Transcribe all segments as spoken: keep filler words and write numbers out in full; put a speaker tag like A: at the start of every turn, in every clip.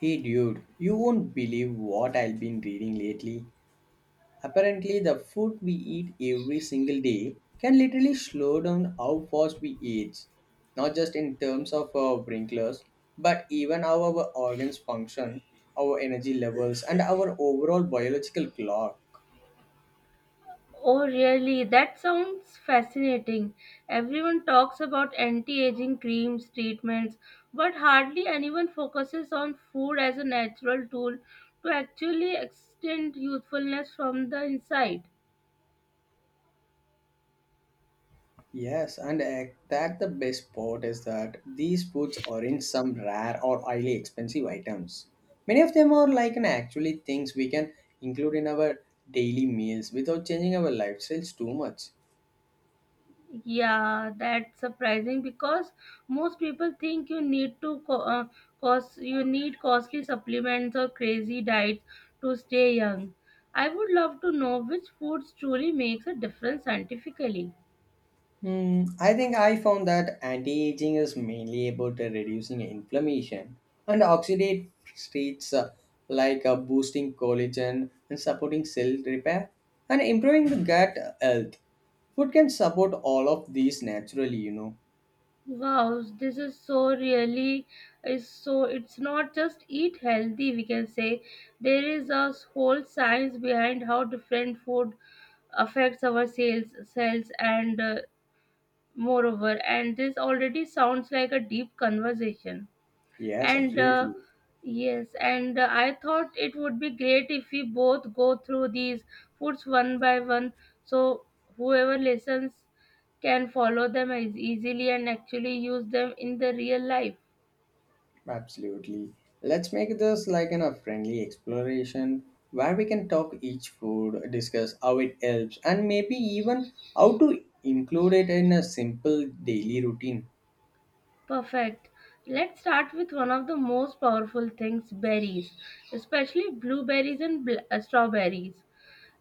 A: Hey dude, you won't believe what I've been reading lately. Apparently, the food we eat every single day can literally slow down how fast we age. Not just in terms of our wrinklers, but even how our organs function, our energy levels, and our overall biological clock.
B: Oh, really? That sounds fascinating. Everyone talks about anti-aging creams, treatments, but hardly anyone focuses on food as a natural tool to actually extend youthfulness from the inside.
A: Yes, and uh, that the best part is that these foods are in some rare or highly expensive items. Many of them are like an actually things we can include in our daily meals without changing our lifestyles too much.
B: Yeah, that's surprising because most people think you need to co- uh, cost you need costly supplements or crazy diets to stay young. I would love to know which foods truly makes a difference scientifically.
A: Hmm, I think I found that anti-aging is mainly about uh, reducing inflammation and oxidative states uh, like uh, boosting collagen and supporting cell repair and improving the gut health. Food can support all of these naturally, you know.
B: Wow, this is so really is so it's not just eat healthy, we can say there is a whole science behind how different food affects our sales cells and uh, moreover, and this already sounds like a deep conversation,
A: Yes,
B: and uh,
A: absolutely.
B: yes, and uh, I thought it would be great if we both go through these foods one by one, so whoever listens can follow them as easily and actually use them in the real life.
A: Absolutely. Let's make this like in a friendly exploration where we can talk each food, discuss how it helps, and maybe even how to include it in a simple daily routine.
B: Perfect. Let's start with one of the most powerful things, berries, especially blueberries and bl- uh, strawberries.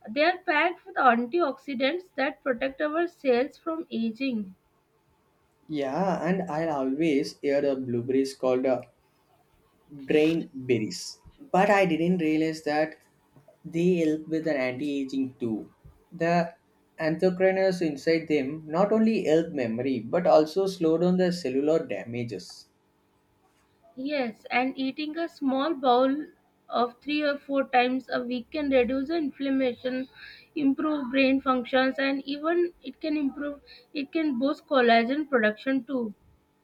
B: They are packed with antioxidants that protect our cells from aging.
A: Yeah, and I always hear the blueberries called uh, brain berries, but I didn't realize that they help with an anti-aging too. The anthocyanins inside them not only help memory but also slow down the cellular damages.
B: Yes, and eating a small bowl of three or four times a week can reduce the inflammation, improve brain functions, and even it can improve, it can boost collagen production too.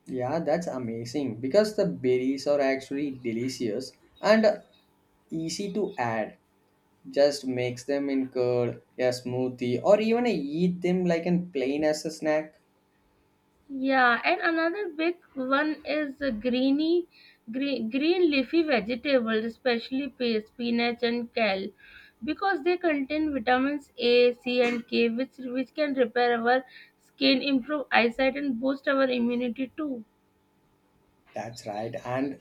A: Yeah, that's amazing because the berries are actually delicious and easy to add. Just mix them in curd, a smoothie, or even eat them like in plain as a snack.
B: Yeah, and another big one is the greeny, green, green leafy vegetables, especially pe- spinach and kale, because they contain vitamins A, C, and K, which which can repair our skin, improve eyesight, and boost our immunity too.
A: That's right. And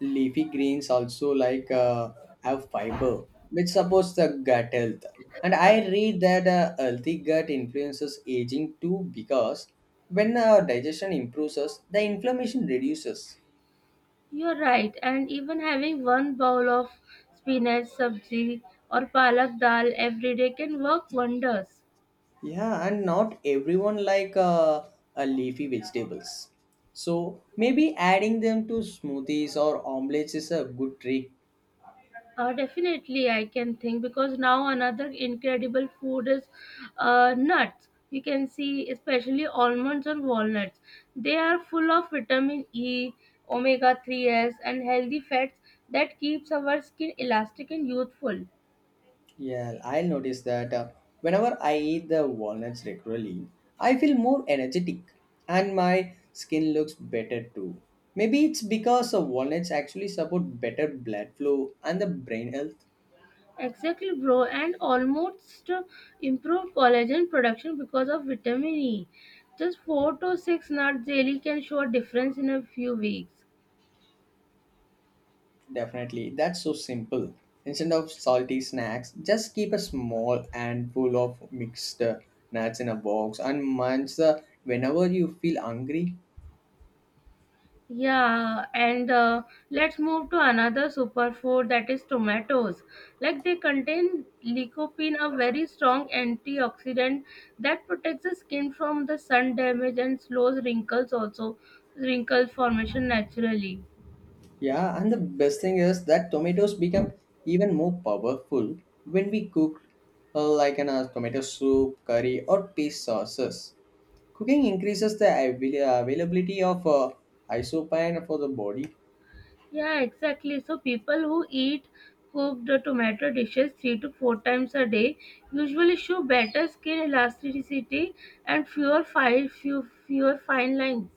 A: leafy greens also like uh, have fiber, which supports the gut health. And I read that a healthy gut influences aging too because when our digestion improves, the inflammation reduces.
B: You're right, and even having one bowl of spinach sabzi or palak dal every day can work wonders.
A: Yeah, and not everyone like uh, uh, leafy vegetables. So maybe adding them to smoothies or omelets is a good trick.
B: Uh, definitely, I can think, because now another incredible food is uh, nuts. You can see, especially almonds and walnuts. They are full of vitamin E, omega threes, and healthy fats that keeps our skin elastic and youthful.
A: Yeah, I'll notice that uh, whenever I eat the walnuts regularly, I feel more energetic and my skin looks better too. Maybe it's because uh, walnuts actually support better blood flow and the brain health.
B: Exactly, bro, and almost improve collagen production because of vitamin E. Just four to six nuts daily can show a difference in a few weeks.
A: Definitely. That's so simple. Instead of salty snacks, just keep a small handful of mixed uh, nuts in a box and munch the whenever you feel hungry.
B: Yeah, and uh, let's move to another superfood, that is tomatoes. Like they contain lycopene, a very strong antioxidant that protects the skin from the sun damage and slows wrinkles also wrinkle formation naturally.
A: Yeah, and the best thing is that tomatoes become even more powerful when we cook uh, like in a tomato soup, curry, or paste sauces. Cooking increases the avail- availability of uh, isopine for the body.
B: Yeah, exactly. So people who eat cooked tomato dishes three to four times a day usually show better skin elasticity and fewer fine, few, fewer fine lines.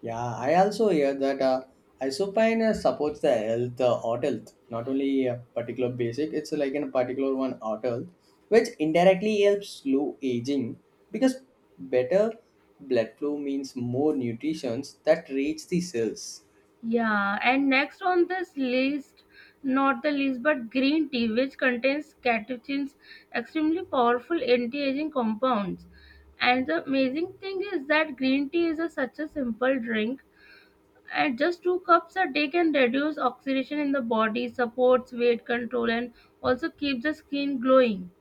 A: Yeah, I also hear that uh, isopine uh, supports the health, uh, heart health, not only a particular basic, it's like in a particular one heart health, which indirectly helps slow aging because better blood flow means more nutrients that reach the cells.
B: Yeah, and next on this list, not the least, but green tea, which contains catechins, extremely powerful anti-aging compounds. And the amazing thing is that green tea is a, such a simple drink. At just two cups a day can reduce oxidation in the body, supports weight control, and also keeps the skin glowing.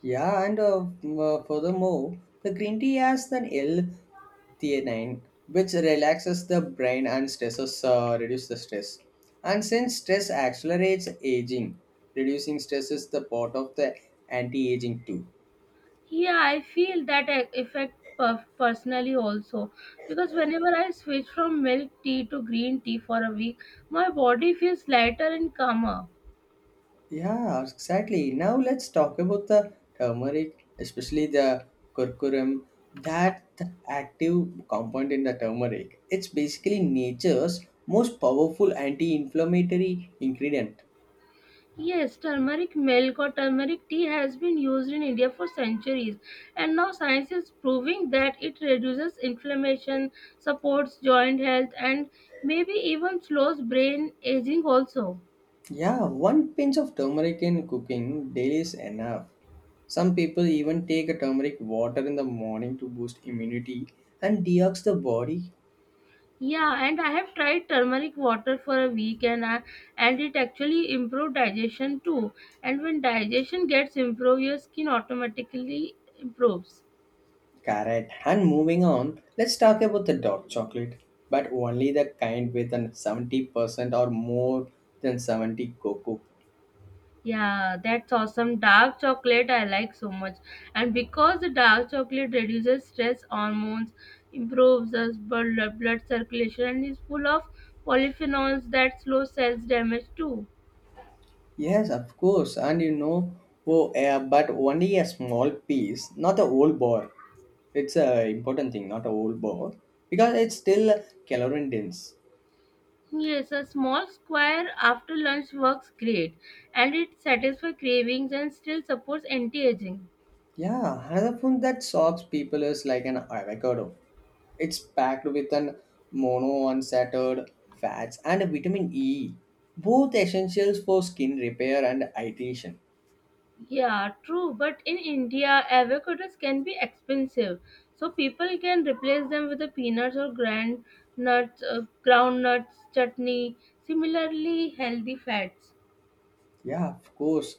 A: Yeah, and uh, mm, uh, furthermore, the green tea has an L-theanine, which relaxes the brain and stresses uh, reduce the stress. And since stress accelerates aging, reducing stress is the part of the anti-aging too.
B: Yeah, I feel that e- effect per- personally also, because whenever I switch from milk tea to green tea for a week, my body feels lighter and calmer.
A: Yeah, exactly. Now let's talk about the turmeric, especially the curcumin, that active compound in the turmeric. It's basically nature's most powerful anti-inflammatory ingredient.
B: Yes, turmeric milk or turmeric tea has been used in India for centuries, and now science is proving that it reduces inflammation, supports joint health, and maybe even slows brain aging also.
A: Yeah, one pinch of turmeric in cooking daily is enough. Some people even take a turmeric water in the morning to boost immunity and detox the body.
B: Yeah, and I have tried turmeric water for a week and I, and it actually improved digestion too. And when digestion gets improved, your skin automatically improves.
A: Correct. And moving on, let's talk about the dark chocolate, but only the kind with an seventy percent or more than seventy cocoa.
B: Yeah, that's awesome. Dark chocolate I like so much. And because the dark chocolate reduces stress hormones, improves us blood blood circulation and is full of polyphenols that slow cells damage too.
A: Yes, of course. And you know, oh, uh, but only a small piece, not the whole bar. It's a important thing, not a whole bar, because it's still calorie dense.
B: Yes, a small square after lunch works great and it satisfies cravings and still supports anti-aging.
A: Yeah, another food that shocks people is like an avocado. It's packed with an monounsaturated fats and vitamin E, both essentials for skin repair and hydration.
B: Yeah, true. But in India, avocados can be expensive, so people can replace them with the peanuts or grand nuts, uh, groundnuts chutney. Similarly, healthy fats.
A: Yeah, of course,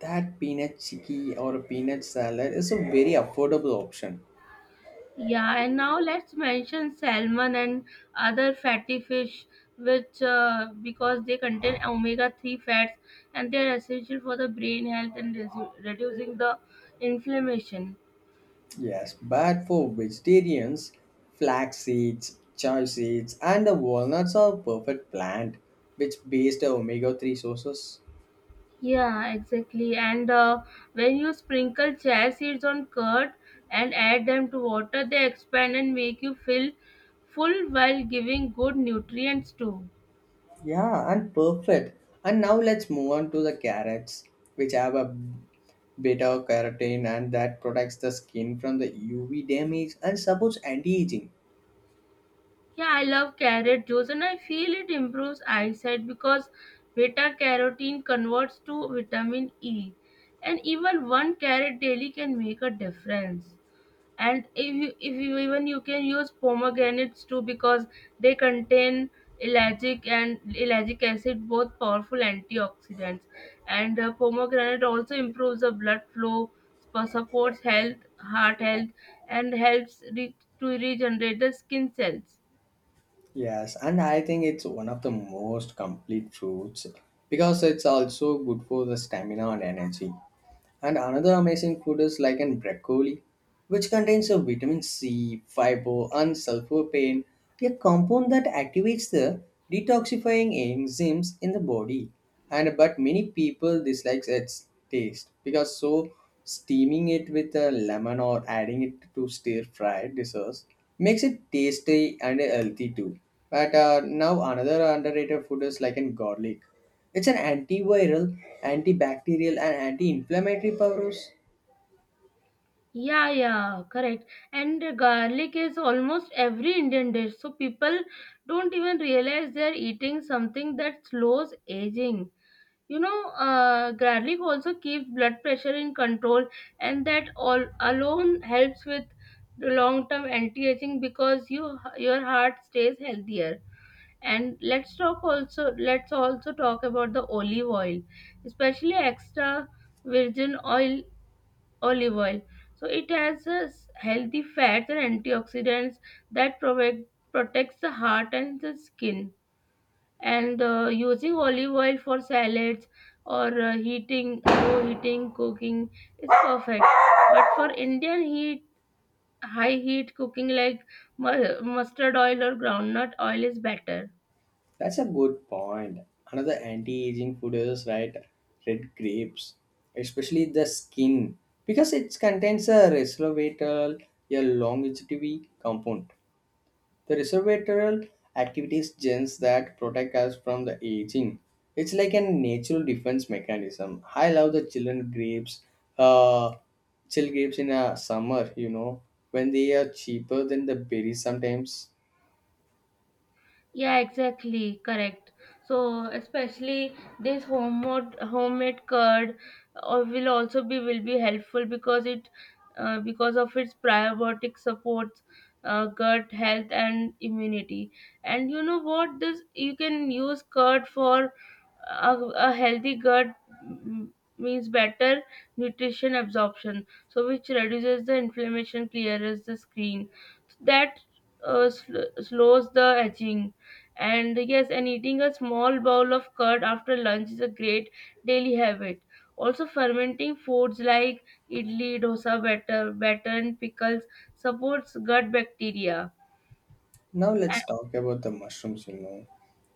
A: that peanut chicky or peanut salad is a very affordable option.
B: Yeah, and now let's mention salmon and other fatty fish, which uh, because they contain omega three fats and they are essential for the brain health and resu- reducing the inflammation.
A: Yes, but for vegetarians, flax seeds, chia seeds, and the walnuts are perfect plant, which based omega three sources.
B: Yeah, exactly. And uh, when you sprinkle chia seeds on curd and add them to water, they expand and make you feel full while giving good nutrients too.
A: Yeah, and perfect. And now let's move on to the carrots, which have a beta carotene and that protects the skin from the U V damage and supports anti-aging.
B: Yeah, I love carrot juice and I feel it improves eyesight because beta carotene converts to vitamin E. And even one carrot daily can make a difference. And if you, if you even you can use pomegranates too because they contain ellagic and ellagic acid, both powerful antioxidants, and uh, pomegranate also improves the blood flow, sp- supports health heart health, and helps re- to regenerate the skin cells.
A: Yes, and I think it's one of the most complete fruits because it's also good for the stamina and energy. And another amazing food is like in broccoli, which contains a vitamin C, fiber, and sulforaphane, a compound that activates the detoxifying enzymes in the body. And but many people dislike its taste because so steaming it with a lemon or adding it to stir fried desserts makes it tasty and healthy too. But uh, now another underrated food is like in garlic, it's an antiviral, antibacterial, and anti-inflammatory powers.
B: Yeah, yeah, correct. And uh, garlic is almost every Indian dish, so people don't even realize they're eating something that slows aging. You know, uh, garlic also keeps blood pressure in control, and that all alone helps with the long-term anti-aging because you your heart stays healthier. And let's talk also. Let's also talk about the olive oil, especially extra virgin oil olive oil. So it has uh, healthy fats and antioxidants that protect protects the heart and the skin, and uh, using olive oil for salads or uh, heating low heating cooking is perfect, but for Indian heat, high heat cooking like mu- mustard oil or groundnut oil is better.
A: That's a good point. Another anti-aging food is right, red grapes, especially the skin, because it contains a resveratrol, a longevity compound. The reservoir activities genes that protect us from the aging. It's like a natural defense mechanism. I love the chillen grapes, uh, chill grapes in a summer, you know, when they are cheaper than the berries sometimes.
B: Yeah, exactly, correct. So especially this homemade homemade curd uh, will also be will be helpful, because it uh, because of its probiotic supports uh, gut health and immunity. And you know what? This you can use curd for a, a healthy gut, mm, means better nutrition absorption, so which reduces the inflammation, clears the screen, that uh, sl- slows the edging. And yes, and eating a small bowl of curd after lunch is a great daily habit. Also, fermenting foods like idli, dosa batter, batter and pickles supports gut bacteria.
A: Now let's talk about the mushrooms, you know.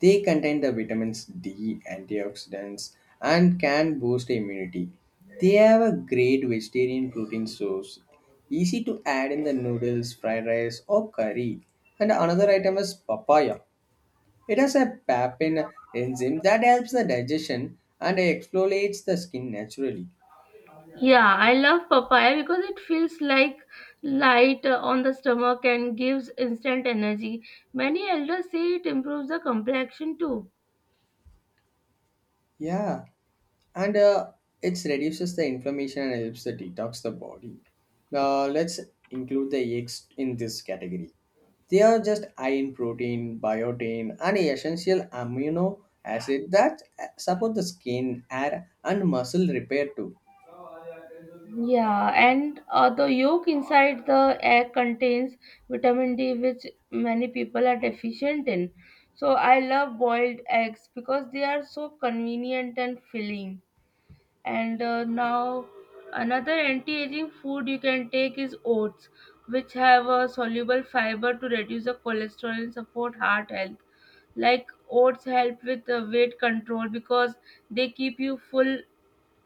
A: They contain the vitamins D, antioxidants, and can boost immunity. They have a great vegetarian protein source, easy to add in the noodles, fried rice, or curry. And another item is papaya. It has a papain enzyme that helps the digestion and exfoliates the skin naturally.
B: Yeah, I love papaya because it feels like light uh, on the stomach and gives instant energy. Many elders say it improves the complexion too.
A: Yeah, and uh, it reduces the inflammation and helps the detox the body. Uh, let's include the eggs in this category. They are just high in protein, biotin, and essential amino acid that uh, support the skin, hair, and muscle repair too.
B: Yeah, and uh, the yolk inside the egg contains vitamin D, which many people are deficient in. So I love boiled eggs because they are so convenient and filling. And uh, now another anti-aging food you can take is oats, which have a soluble fiber to reduce the cholesterol and support heart health. Like oats help with uh, weight control because they keep you full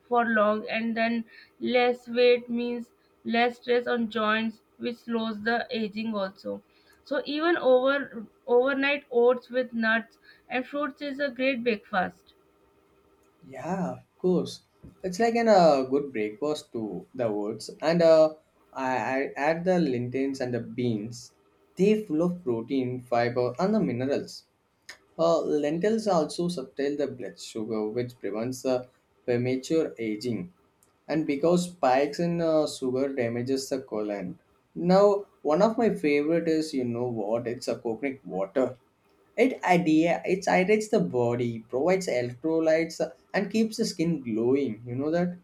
B: for long, and then less weight means less stress on joints which slows the aging also. So even over overnight oats with nuts and fruits is a great breakfast.
A: Yeah, of course. It's like an uh, good breakfast to the oats, and uh, I, I add the lentils and the beans. They full of protein, fiber, and the minerals. Uh, lentils also subtle the blood sugar, which prevents the premature aging. And because spikes in uh, sugar damages the colon. Now, one of my favorite is, you know what? It's a coconut water. It idea it hydrates the body, provides electrolytes, uh, and keeps the skin glowing. You know that?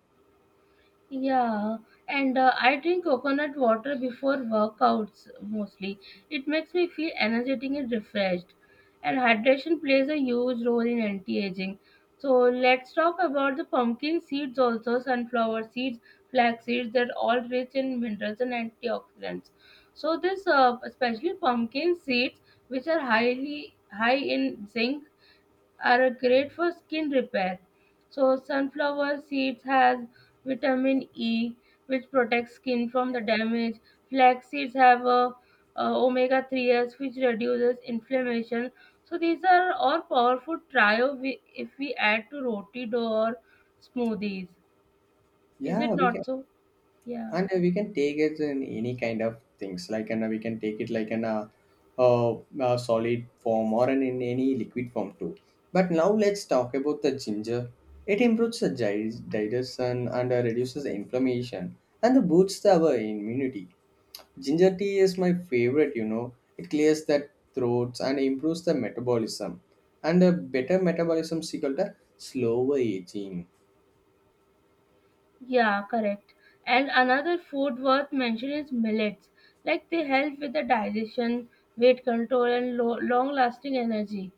B: Yeah, and uh, I drink coconut water before workouts mostly. It makes me feel energetic and refreshed. And hydration plays a huge role in anti-aging. So let's talk about the pumpkin seeds also, sunflower seeds, flax seeds, they're all rich in minerals and antioxidants. So this uh, especially pumpkin seeds, which are highly high in zinc are great for skin repair. So sunflower seeds has vitamin E which protects skin from the damage. Flax seeds have a, omega threes which reduces inflammation. So these are all powerful trio we, if we add to roti dough or smoothies. Is
A: Yeah,
B: it
A: we can.
B: not so? Yeah.
A: And uh, we can take it in any kind of things like and uh, we can take it like an uh, uh, uh, solid form or an, in any liquid form too. But now let's talk about the ginger. It improves the gi- digestion and uh, reduces the inflammation and boosts our immunity. Ginger tea is my favorite, you know. It clears the throats and improves the metabolism. And a better metabolism is equal to slower aging.
B: Yeah, correct. And another food worth mention is millets. Like they help with the digestion, weight control, and lo- long lasting energy.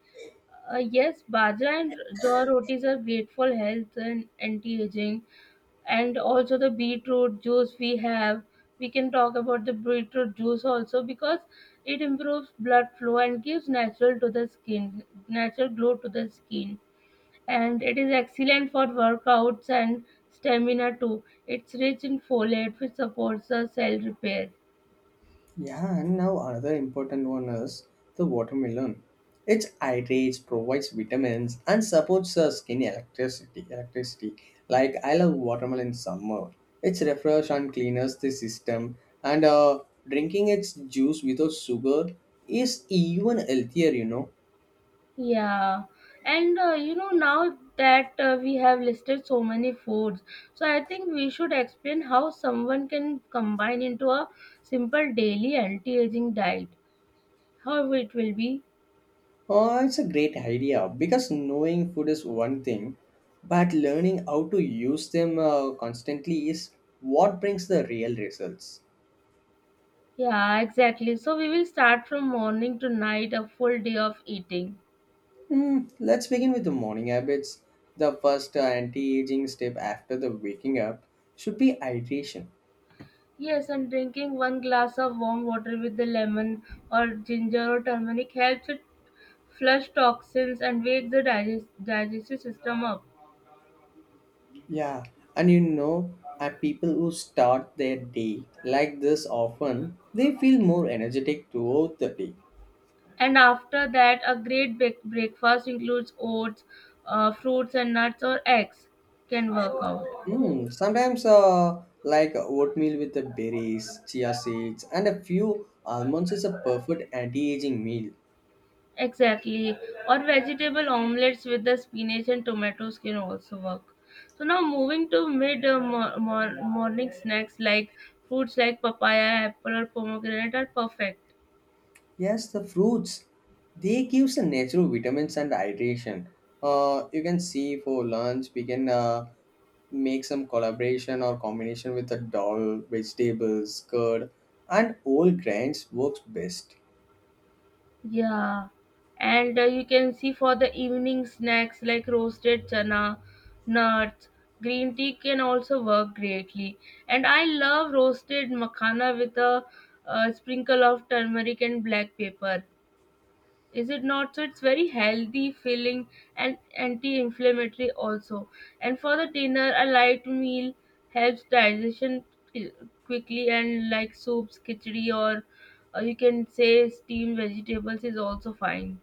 B: Uh, yes, bajra and jaw rotis are great for health and anti-aging, and also the beetroot juice we have. We can talk about the beetroot juice also because it improves blood flow and gives natural to the skin, natural glow to the skin, and it is excellent for workouts and stamina too. It's rich in folate, which supports the cell repair.
A: Yeah, and now another important one is the watermelon. Its hydrates, provides vitamins, and supports the skin electricity. Electricity, like I love watermelon in summer. It's refresh and cleans the system, and uh, drinking its juice without sugar is even healthier. You know,
B: Yeah, and uh, you know, now that uh, we have listed so many foods, so I think we should explain how someone can combine into a simple daily anti-aging diet. How it will be?
A: uh, it's a great idea because knowing food is one thing, but learning how to use them uh, constantly is what brings the real results.
B: Yeah, exactly. So we will start from morning to night, a full day of eating.
A: Hmm, let's begin with the morning habits. The first uh, anti-aging step after the waking up should be hydration.
B: Yes, and drinking one glass of warm water with the lemon or ginger or turmeric helps it flush toxins and wakes the digest digestive system up.
A: Yeah, and you know, uh, people who start their day like this often, they feel more energetic throughout the day.
B: And after that, a great big breakfast includes oats, uh, fruits and nuts or eggs can work out.
A: Mm, sometimes, uh, like oatmeal with the berries, chia seeds, and a few almonds is a perfect anti-aging meal.
B: Exactly. Or vegetable omelets with the spinach and tomatoes can also work. So now moving to mid uh, mor- mor- morning snacks like fruits like papaya, apple or pomegranate are perfect.
A: Yes, the fruits they gives a natural vitamins and hydration. Uh, you can see for lunch we can uh, make some collaboration or combination with the dal, vegetables, curd, and whole grains works best.
B: Yeah, and uh, you can see for the evening snacks like roasted chana, nuts, green tea can also work greatly. And I love roasted makhana with a, uh sprinkle of turmeric and black pepper, is it not so? It's very healthy, filling, and anti-inflammatory also. And for the dinner, a light meal helps digestion qui- quickly and like soups, khichdi, or, or you can say steamed vegetables is also fine.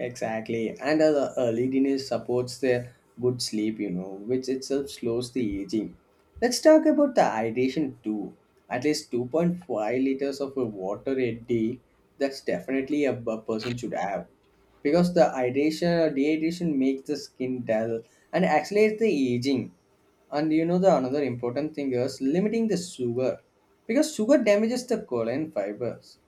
A: Exactly, and uh, the early dinner supports the good sleep, you know, which itself slows the aging. Let's talk about the hydration too. At least two point five liters of uh, water a day, that's definitely a, a person should have. Because the hydration or dehydration makes the skin dull and accelerates the aging. And you know the another important thing is limiting the sugar. Because sugar damages the colon fibers.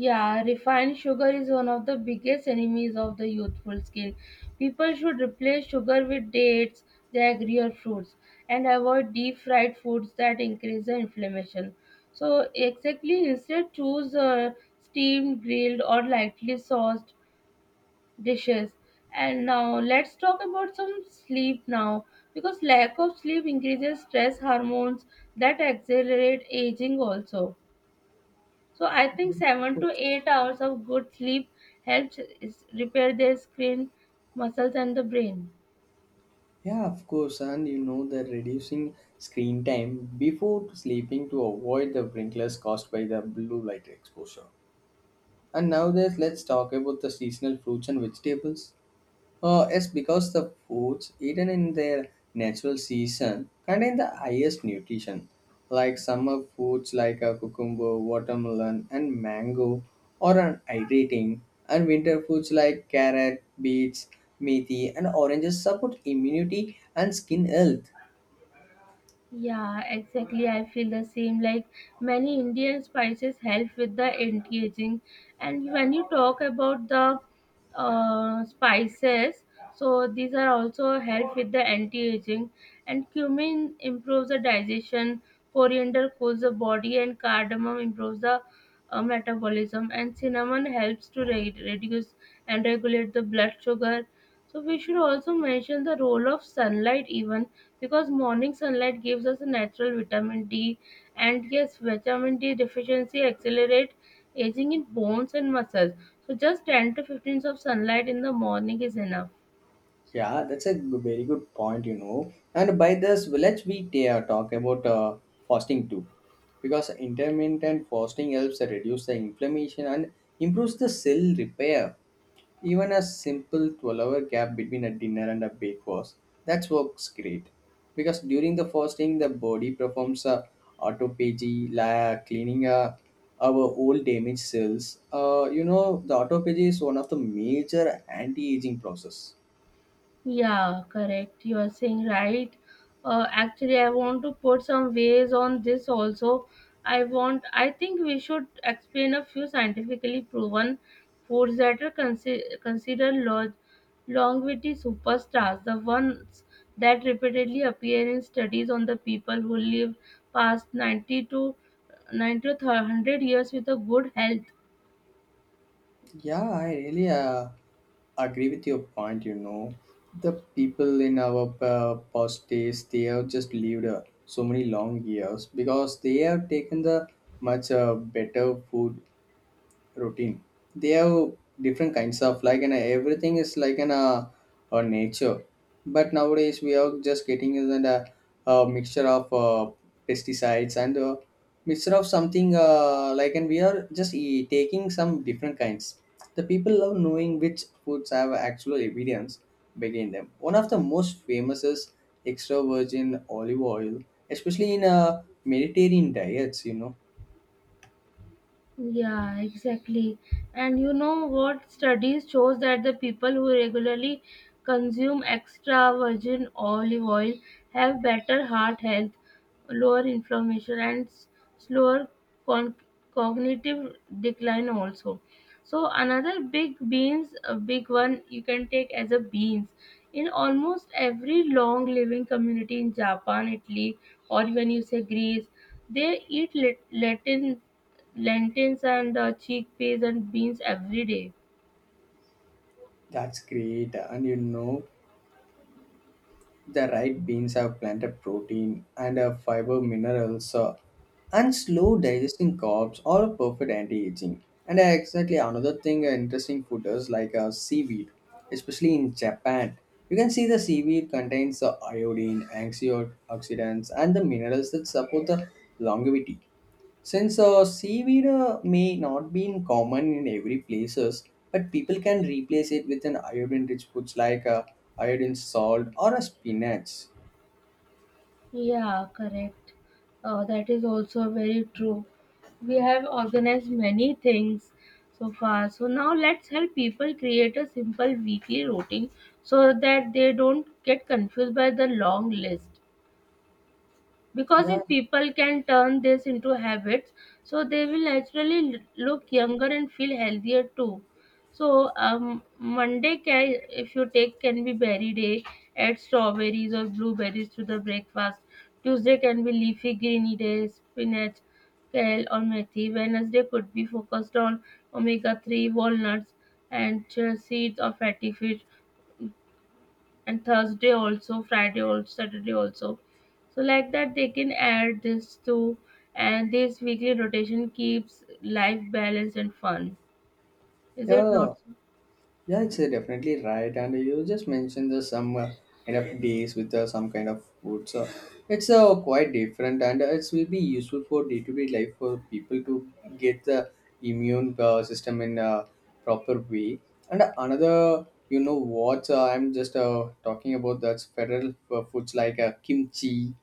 B: Yeah, refined sugar is one of the biggest enemies of the youthful skin. People should replace sugar with dates, jaggery, or fruits, and avoid deep fried foods that increase the inflammation. So, exactly, instead, choose uh, steamed, grilled, or lightly sauced dishes. And now, let's talk about some sleep now, because lack of sleep increases stress hormones that accelerate aging also. So I think seven to eight hours of good sleep helps is- repair their skin, muscles, and the brain.
A: Yeah, of course, and you know the reducing screen time before sleeping to avoid the wrinkles caused by the blue light exposure. And nowadays, let's talk about the seasonal fruits and vegetables. Uh, it's because the foods eaten in their natural season contain the highest nutrition, like summer foods like a cucumber, watermelon, and mango, or an hydrating, and winter foods like carrot, beets, methi, and oranges support immunity and skin health.
B: Yeah, exactly. I feel the same. Like many Indian spices help with the anti-aging. And when you talk about the uh, spices, so these are also help with the anti-aging. And cumin improves the digestion. Coriander cools the body, and cardamom improves the uh, metabolism. And cinnamon helps to re- reduce and regulate the blood sugar. So we should also mention the role of sunlight even because morning sunlight gives us a natural vitamin D. And yes, vitamin D deficiency accelerates aging in bones and muscles. So just ten to fifteen of sunlight in the morning is enough.
A: Yeah, that's a g- very good point, you know. And by this village, we ta- uh, talk about uh, fasting too, because intermittent fasting helps reduce the inflammation and improves the cell repair. Even a simple twelve-hour gap between a dinner and a breakfast, that works great, because during the fasting, the body performs a autophagy, like cleaning uh, our old damaged cells. Uh, you know, the autophagy is one of the major anti-aging process.
B: Yeah, correct. You are saying right. Uh, actually, I want to put some ways on this also. I want. I think we should explain a few scientifically proven foods that are consi- considered lo- longevity superstars, the ones that repeatedly appear in studies on the people who live past ninety to ninety to one hundred years with a good health.
A: Yeah, I really uh, agree with your point. You know, the people in our uh, past days they have just lived uh, so many long years because they have taken the much uh, better food routine. They have different kinds of like and everything is like an uh, uh, nature. But nowadays we are just getting is an, uh, a mixture of uh, pesticides and uh, mixture of something uh, like and we are just e- taking some different kinds. The people love knowing which foods have actual evidence behind them. One of the most famous is extra virgin olive oil, especially in uh, Mediterranean diets. You know
B: Yeah, exactly. And you know what? Studies shows that the people who regularly consume extra virgin olive oil have better heart health, lower inflammation, and s- slower con- cognitive decline also. So another big beans, a big one you can take as a beans. In almost every long living community in Japan, Italy, or even you say Greece, they eat lat- Latin Lentils and uh, chickpeas and beans every day.
A: that's great, and you know the right beans have plenty of protein and uh, fiber minerals, uh, and slow digesting carbs are a perfect anti-aging. And uh, exactly another thing uh, interesting food is like uh, seaweed, especially in Japan. You can see the seaweed contains the iodine, antioxidants, and the minerals that support the longevity. Since uh, seaweed uh, may not be in common in every places, but people can replace it with an iodine-rich foods like uh, iodine salt or a spinach.
B: Yeah, correct. Uh, that is also very true. We have organized many things so far. So now let's help people create a simple weekly routine so that they don't get confused by the long list, because
A: Yeah,
B: if people can turn this into habits, so they will naturally l- look younger and feel healthier too. So um, Monday can if you take can be berry day, add strawberries or blueberries to the breakfast. Tuesday can be leafy greeny day, spinach, kale, or methi. Wednesday could be focused on omega three, walnuts and chia seeds or fatty fish. And Thursday also, Friday also, Saturday also. So like that they can add this too, and this weekly rotation keeps life balanced and fun. Is it not
A: yeah.
B: so?
A: Yeah, it's uh, definitely right. And you just mentioned the some uh, kind of days with uh, some kind of food. So it's uh, quite different and uh, it will be useful for day to day life for people to get the immune uh, system in a proper way. And another, you know, what uh, I'm just uh, talking about, that's federal uh, foods like uh, kimchi,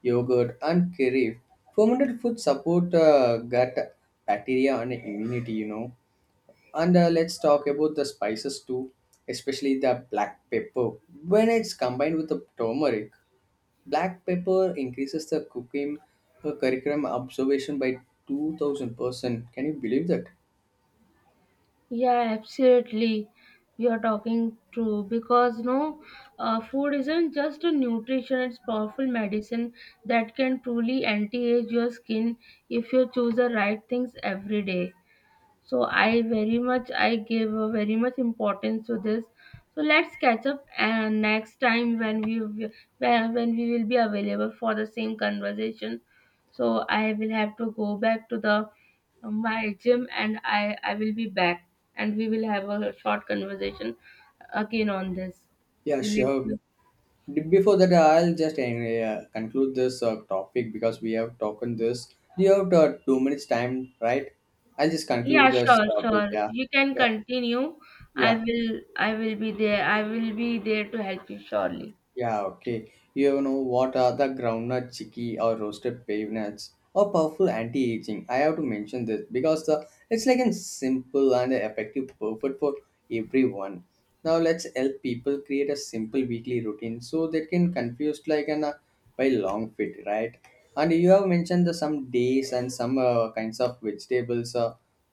A: yogurt, and curry. Fermented foods support uh, gut bacteria and immunity, you know, and uh, let's talk about the spices too, especially the black pepper. When it's combined with the turmeric, black pepper increases the cooking uh, curriculum observation by two thousand percent. Can you believe that?
B: Yeah, absolutely. You are talking true because no, uh, food isn't just a nutrition; it's powerful medicine that can truly anti-age your skin if you choose the right things every day. So I very much I give a very much importance to this. So let's catch up and next time when we wi- when when we will be available for the same conversation. So I will have to go back to the my gym, and I I will be back, and we will have a short conversation again on this.
A: Yeah,
B: Will it be?
A: sure. D- Before that, I'll just uh, conclude this uh, topic because we have talked on this. Do you have uh, two minutes time, right? I'll just conclude
B: Yeah,
A: this
B: sure,
A: topic.
B: sure.
A: Yeah.
B: You can
A: Yeah.
B: continue. I
A: Yeah.
B: will I will be there. I will be there to help you surely.
A: Yeah, okay. You know what? Are the groundnut, chickpea, or roasted peanuts or powerful anti-aging? I have to mention this because the it's like a simple and effective, perfect for everyone. Now let's help people create a simple weekly routine so they can confuse like an uh, by long fit, right? And you have mentioned the some days and some uh, kinds of vegetables. Uh,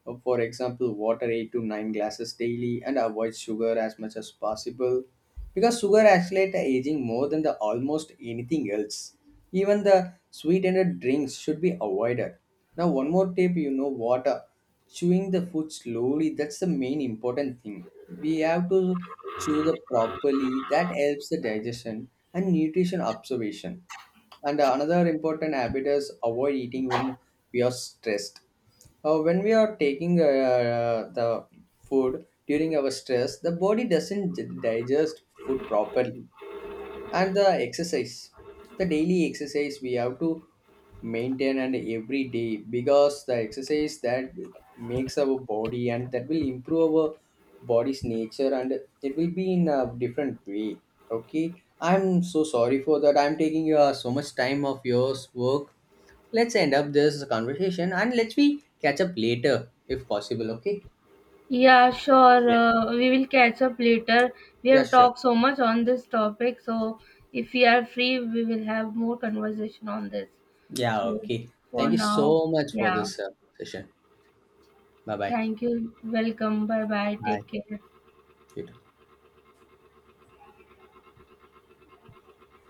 A: uh, For example, water eight to nine glasses daily and avoid sugar as much as possible because sugar accelerates aging more than the almost anything else. Even the sweetened drinks should be avoided. Now, one more tip, you know, water. Chewing the food slowly, that's the main important thing. We have to chew the properly. That helps the digestion and nutrition absorption. And another important habit is avoid eating when we are stressed, uh, when we are taking uh, uh, the food during our stress, the body doesn't digest food properly. And the exercise, the daily exercise, we have to maintain and every day, because the exercise that makes our body and that will improve our body's nature and it will be in a different way. Okay, I'm so sorry for that. I'm taking your so much time of yours work. Let's end up this conversation and let's we catch up later if possible. Okay.
B: Yeah, sure.
A: Yeah.
B: Uh, we will catch up later. We
A: Yeah,
B: have
A: sure.
B: talked so much on this topic, so if we are free, we will have more conversation on this.
A: Yeah,
B: So
A: okay.
B: for
A: Thank you
B: now,
A: so much for
B: yeah.
A: this uh, session. Bye bye.
B: Thank you. Welcome. Bye bye.
A: Bye.
B: Take care.
A: Good.